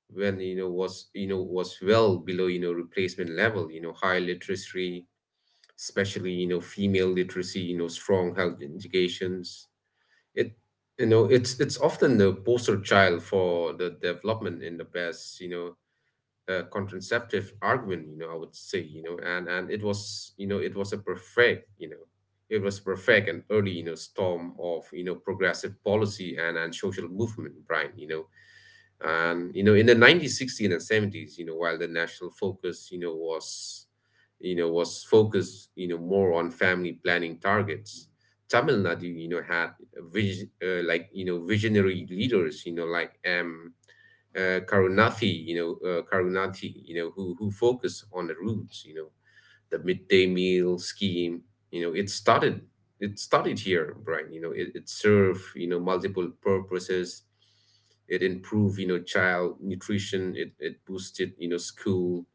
Speaker 2: when you know was you know was well below, you know, replacement level. You know, high literacy, especially, you know, female literacy, you know, strong health indications. It you know It's it's often the poster child for the development in the best, you know uh, contraceptive argument, you know, I would say. You know and and it was, you know it was a perfect, you know it was perfect and early, you know, storm of, you know, progressive policy and and social movement, Brian. You know and you know In the nineties, sixties, and seventies, you know, while the national focus, you know was you know was focused, you know, more on family planning targets, Tamil Nadu, you know, had vis- uh, like you know visionary leaders, you know, like m uh, Karunathi, you know, uh, Karunathi, you know, who who focus on the roots, you know, the midday meal scheme. You know, it started, it started here, Brian. You know, it, it served, you know, multiple purposes. It improved, you know, child nutrition. It it boosted, you know, school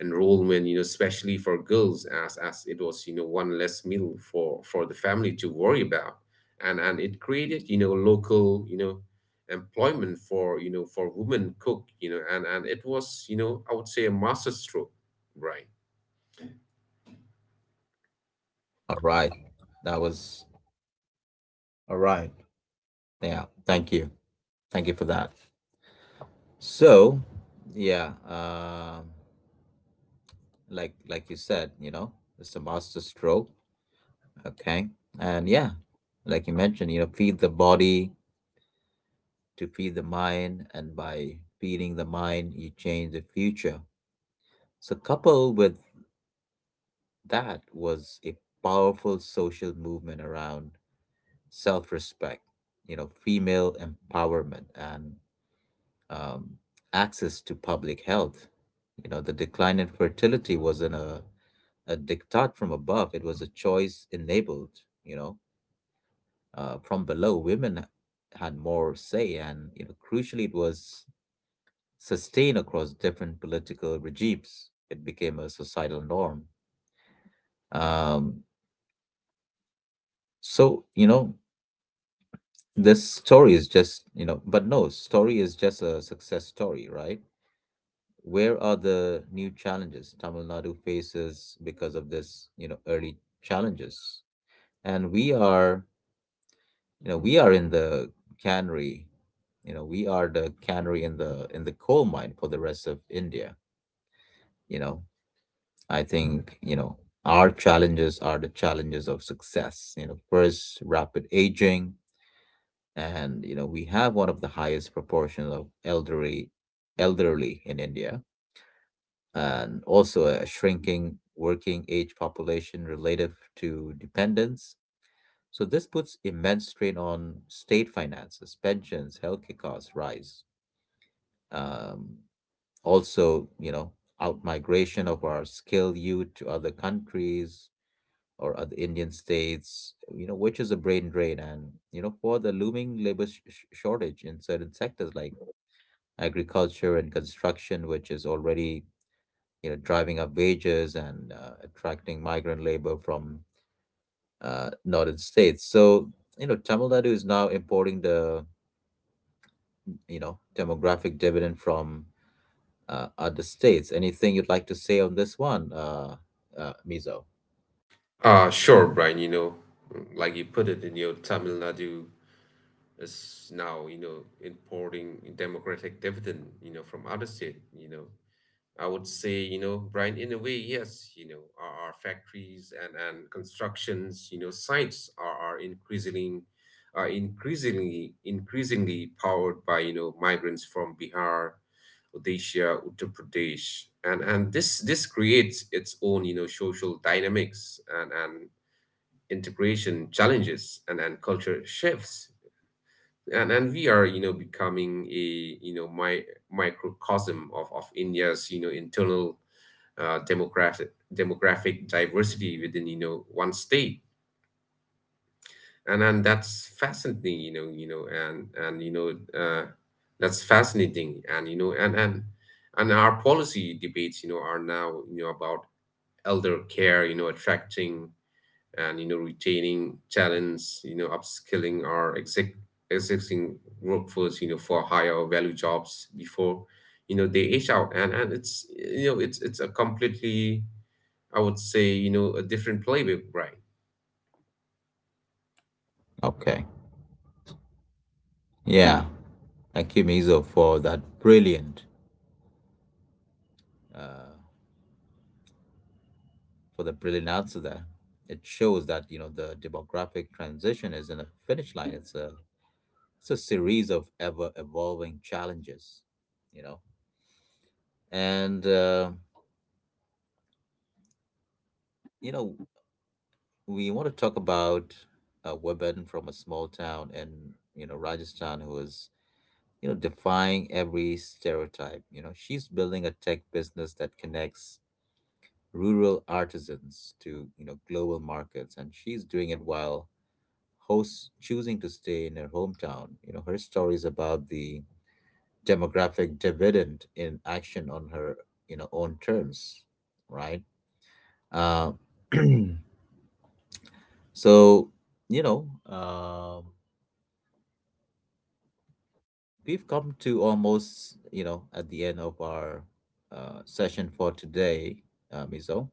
Speaker 2: enrollment, you know, especially for girls, as as it was, you know, one less meal for, for the family to worry about, and and it created, you know, local, you know, employment for, you know for women cook. You know, and and It was, you know, I would say, a masterstroke, right?
Speaker 1: All right. That was all right. Yeah. Thank you. Thank you for that. So, yeah. um like like you said, you know, it's a master stroke. Okay. And yeah, like you mentioned, you know, feed the body to feed the mind, and by feeding the mind, you change the future. So coupled with that was a powerful social movement around self-respect, you know, female empowerment, and um, access to public health. You know, the decline in fertility wasn't a, a diktat from above. It was a choice enabled, you know, uh, from below. Women had more say, and you know, crucially, it was sustained across different political regimes. It became a societal norm. Um, so you know, this story is just you know, but no, story is just a success story, right? Where are the new challenges Tamil Nadu faces because of this, you know, early challenges? And we are, you know, we are in the cannery. You know, we are the canary in the in the coal mine for the rest of India. You know, I think, you know, our challenges are the challenges of success. You know, first, rapid aging, and you know we have one of the highest proportion of elderly elderly in India, and also a shrinking working age population relative to dependence. So this puts immense strain on state finances, pensions, healthcare costs rise. Um, also, you know, out migration of our skilled youth to other countries or other Indian states, you know, which is a brain drain, and you know, for the looming labor sh- sh- shortage in certain sectors like agriculture and construction, which is already, you know, driving up wages and uh, attracting migrant labor from uh, northern states. So you know, Tamil Nadu is now importing the, you know, demographic dividend from uh, other states. Anything you'd like to say on this one, uh, uh, Mizo?
Speaker 2: Uh, sure, Brian, you know, like you put it, in your Tamil Nadu is now, you know, importing democratic dividend, you know, from other state. You know, I would say, you know, Brian, in a way, yes, you know, our, our factories and, and constructions, you know, sites are, are increasingly are increasingly increasingly powered by, you know, migrants from Bihar, Odisha, Uttar Pradesh. And and this this creates its own, you know, social dynamics, and, and integration challenges, and, and culture shifts. And and we are, you know, becoming a, you know, my microcosm of, of India's, you know, internal, uh, demographic demographic diversity within, you know, one state. And and That's fascinating. You know you know and and you know uh, that's fascinating and you know and and and our policy debates, you know, are now, you know, about elder care, you know, attracting and, you know, retaining talents, you know, upskilling our exec- existing workforce, you know, for higher value jobs before, you know, they age out. And and it's, you know, it's it's a completely, I would say, you know, a different playbook, Brian.
Speaker 1: Okay. Yeah. Thank you, Mizo, for that brilliant, uh, for the brilliant answer there. It shows that you know the demographic transition isn't a finish line. It's a it's a series of ever evolving challenges, you know. And uh, you know, we want to talk about a woman from a small town in you know Rajasthan who is, you know, defying every stereotype. You know, she's building a tech business that connects rural artisans to, you know, global markets, and she's doing it while hosts choosing to stay in her hometown. You know, her story is about the demographic dividend in action on her, you know, own terms, right? Uh, so, you know, um we've come to almost, you know, at the end of our uh, session for today, uh, Mizo.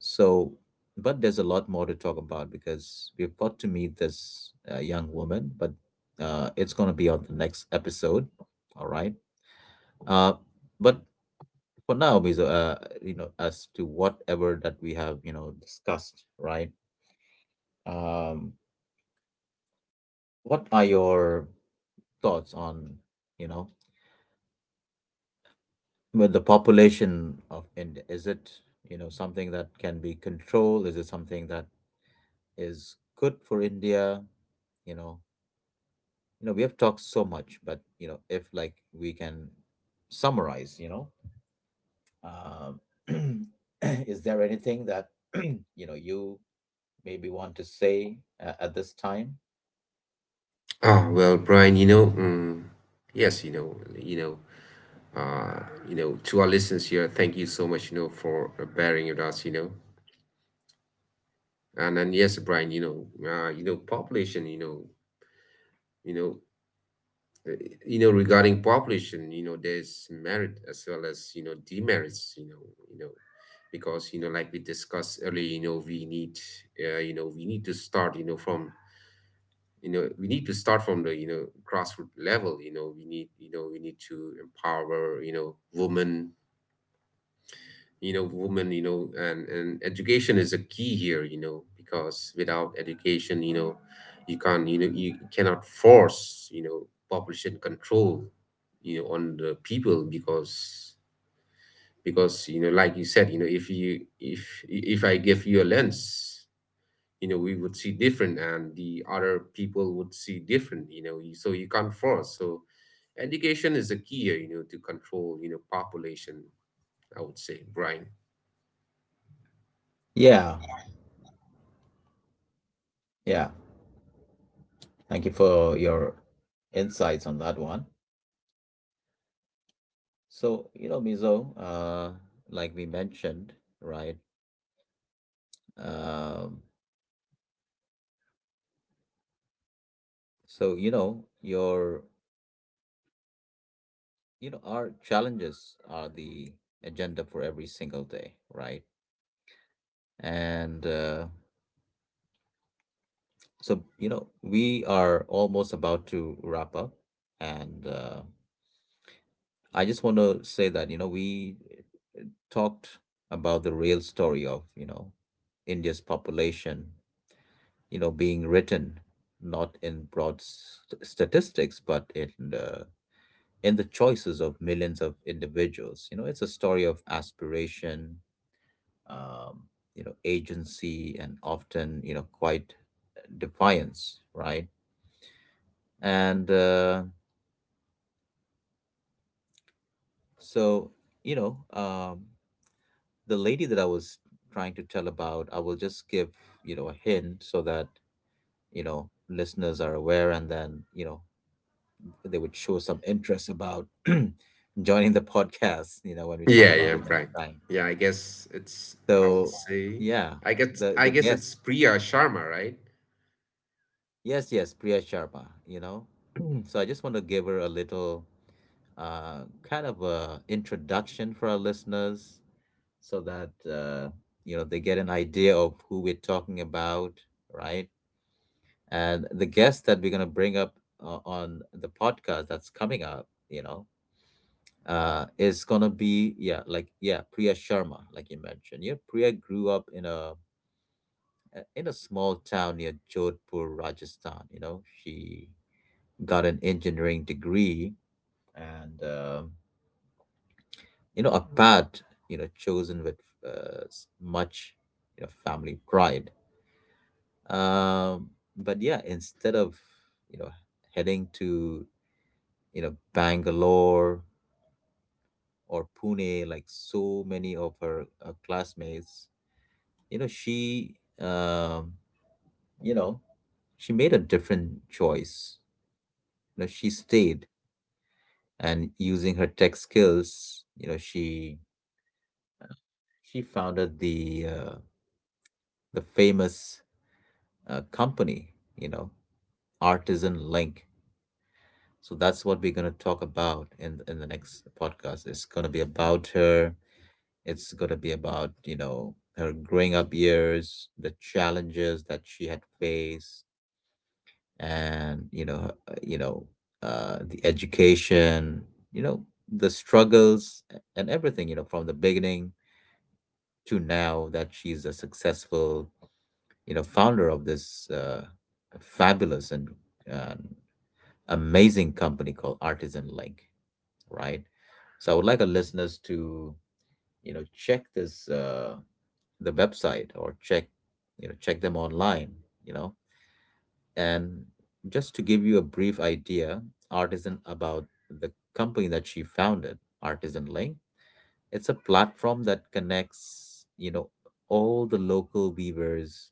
Speaker 1: So, but there's a lot more to talk about because we've got to meet this uh, young woman, but uh, it's going to be on the next episode. All right. Uh, but for now, Mizo, uh, you know, as to whatever that we have, you know, discussed, right? Um, what are your thoughts on, you know, with the population of India? Is it, you know, something that can be controlled? Is it something that is good for India? You know, you know, we have talked so much, but you know, if like we can summarize, you know, um, is there anything that you know you maybe want to say uh, at this time?
Speaker 2: Ah, well, Brian, you know, mm, yes, you know, you know, uh, you know, to our listeners here, thank you so much, you know, for bearing with us, you know. And and yes, Brian, you know, uh, you know, population, you know, you know, uh, you know, regarding population, you know, there's merit as well as, you know, demerits, you know. you know, because, you know, like we discussed earlier, you know, we need, uh, you know, we need to start, you know, from, you know we need to start from the, you know, grassroots level. You know, we need, you know we need to empower, you know women you know women you know. And and education is a key here, you know, because without education, you know, you can't, you know you cannot force, you know, population control, you know, on the people. Because because, you know, like you said, you know, if you, if if I give you a lens, you know, we would see different, and the other people would see different. You know you- so you can't force. So education is a key, uh, you know, to control, you know, population, I would say, Brian.
Speaker 1: Yeah, yeah. Thank you for your insights on that one. So, you know, Mizo, uh, like we mentioned, right? Um, so you know your you know our challenges are the agenda for every single day, right? And uh, so you know we are almost about to wrap up, and uh, I just want to say that you know we talked about the real story of you know India's population, you know, being written not in broad st- statistics but in uh, in the choices of millions of individuals. You know, it's a story of aspiration, um, you know, agency, and often, you know, quite defiance, right? And uh, so, you know, um, the lady that I was trying to tell about, I will just give, you know, a hint so that, you know, listeners are aware and then, you know, they would show some interest about joining the podcast, you know, when we talk
Speaker 2: Yeah,
Speaker 1: about
Speaker 2: yeah,
Speaker 1: it next
Speaker 2: Brian,
Speaker 1: time.
Speaker 2: yeah, I guess it's, I would
Speaker 1: So
Speaker 2: say,
Speaker 1: yeah,
Speaker 2: I guess,
Speaker 1: the
Speaker 2: i
Speaker 1: the
Speaker 2: guess it's
Speaker 1: guest,
Speaker 2: Priya Sharma, right?
Speaker 1: yes, yes, Priya Sharma. You know, so I just want to give her a little uh, kind of a introduction for our listeners, so that uh, you know they get an idea of who we're talking about, right? And the guest that we're gonna bring up uh, on the podcast that's coming up, you know, uh, is gonna be yeah, like yeah, Priya Sharma, like you mentioned. Yeah, Priya grew up in a uh, in a small town near Jodhpur, Rajasthan. You know, she got an engineering degree and, um, you know, a path, you know, chosen with uh, s- much, you know, family pride. Um, but yeah, instead of, you know, heading to, you know, Bangalore or Pune, like so many of her uh, classmates, you know, she, um, you know, she made a different choice. You know, she stayed and using her tech skills, you know, she she founded the uh, the famous uh, company, you know, Artisan Link. So that's what we're going to talk about in in the next podcast. It's going to be about her. It's going to be about you know her growing up years, the challenges that she had faced, and you know her- uh, you know uh, the education, you know, the struggles, and everything you know from the beginning to now that she's a successful, you know, founder of this uh, fabulous and uh, amazing company called Artisan Link, right? So I would like our listeners to, you know, check this uh, the website, or check, you know, check them online, you know, and just to give you a brief idea, Artisan about the company that she founded, Artisan Link. It's a platform that connects, you know, all the local weavers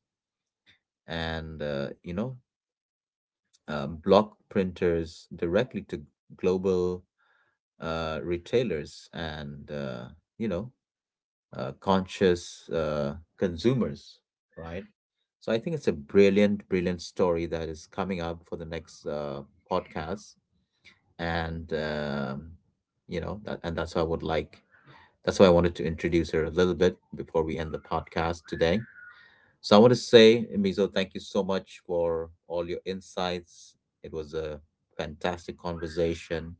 Speaker 1: and uh, you know uh, block printers directly to global uh, retailers and uh, you know uh, conscious uh, consumers, right. So I think it's a brilliant brilliant story that is coming up for the next uh, podcast. And um, you know that, and that's why I would like that's why I wanted to introduce her a little bit before we end the podcast today. So I want to say, Mizo, thank you so much for all your insights. It was a fantastic conversation,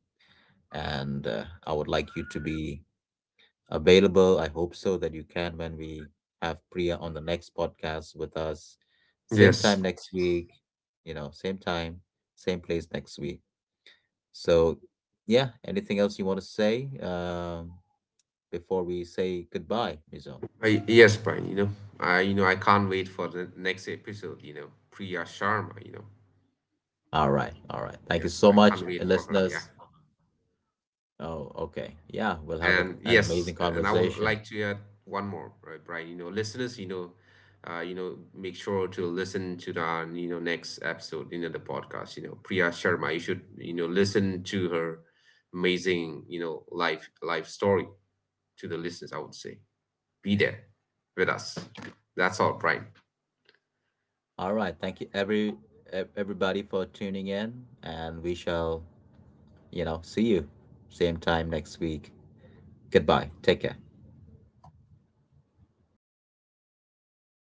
Speaker 1: and uh, I would like you to be available. I hope so that you can when we have Priya on the next podcast with us. Same
Speaker 2: Yes.
Speaker 1: time next week, you know, same time, same place next week. So, yeah, anything else you want to say um, before we say goodbye, Mizo?
Speaker 2: I, yes, Brian, you know, i you know I can't wait for the next episode. You know, Priya Sharma, you know.
Speaker 1: All right, all right. Thank you
Speaker 2: Yeah,
Speaker 1: so
Speaker 2: I
Speaker 1: much,
Speaker 2: can't wait for her, yeah.
Speaker 1: listeners. Oh, okay. Yeah, we'll have a,
Speaker 2: And
Speaker 1: an
Speaker 2: yes,
Speaker 1: amazing
Speaker 2: and I would
Speaker 1: conversation.
Speaker 2: like to add one more, right, Brian? You know, listeners, you know, uh, you know, make sure to listen to the, uh, you know, next episode, you know, the podcast, you know, Priya Sharma. You should, you know, listen to her amazing, you know, life life story, to the listeners, I would say. Be there with us. That's all, Brian.
Speaker 1: All right. Thank you, every ev- everybody, for tuning in, and we shall, you know, see you same time next week. Goodbye. Take care.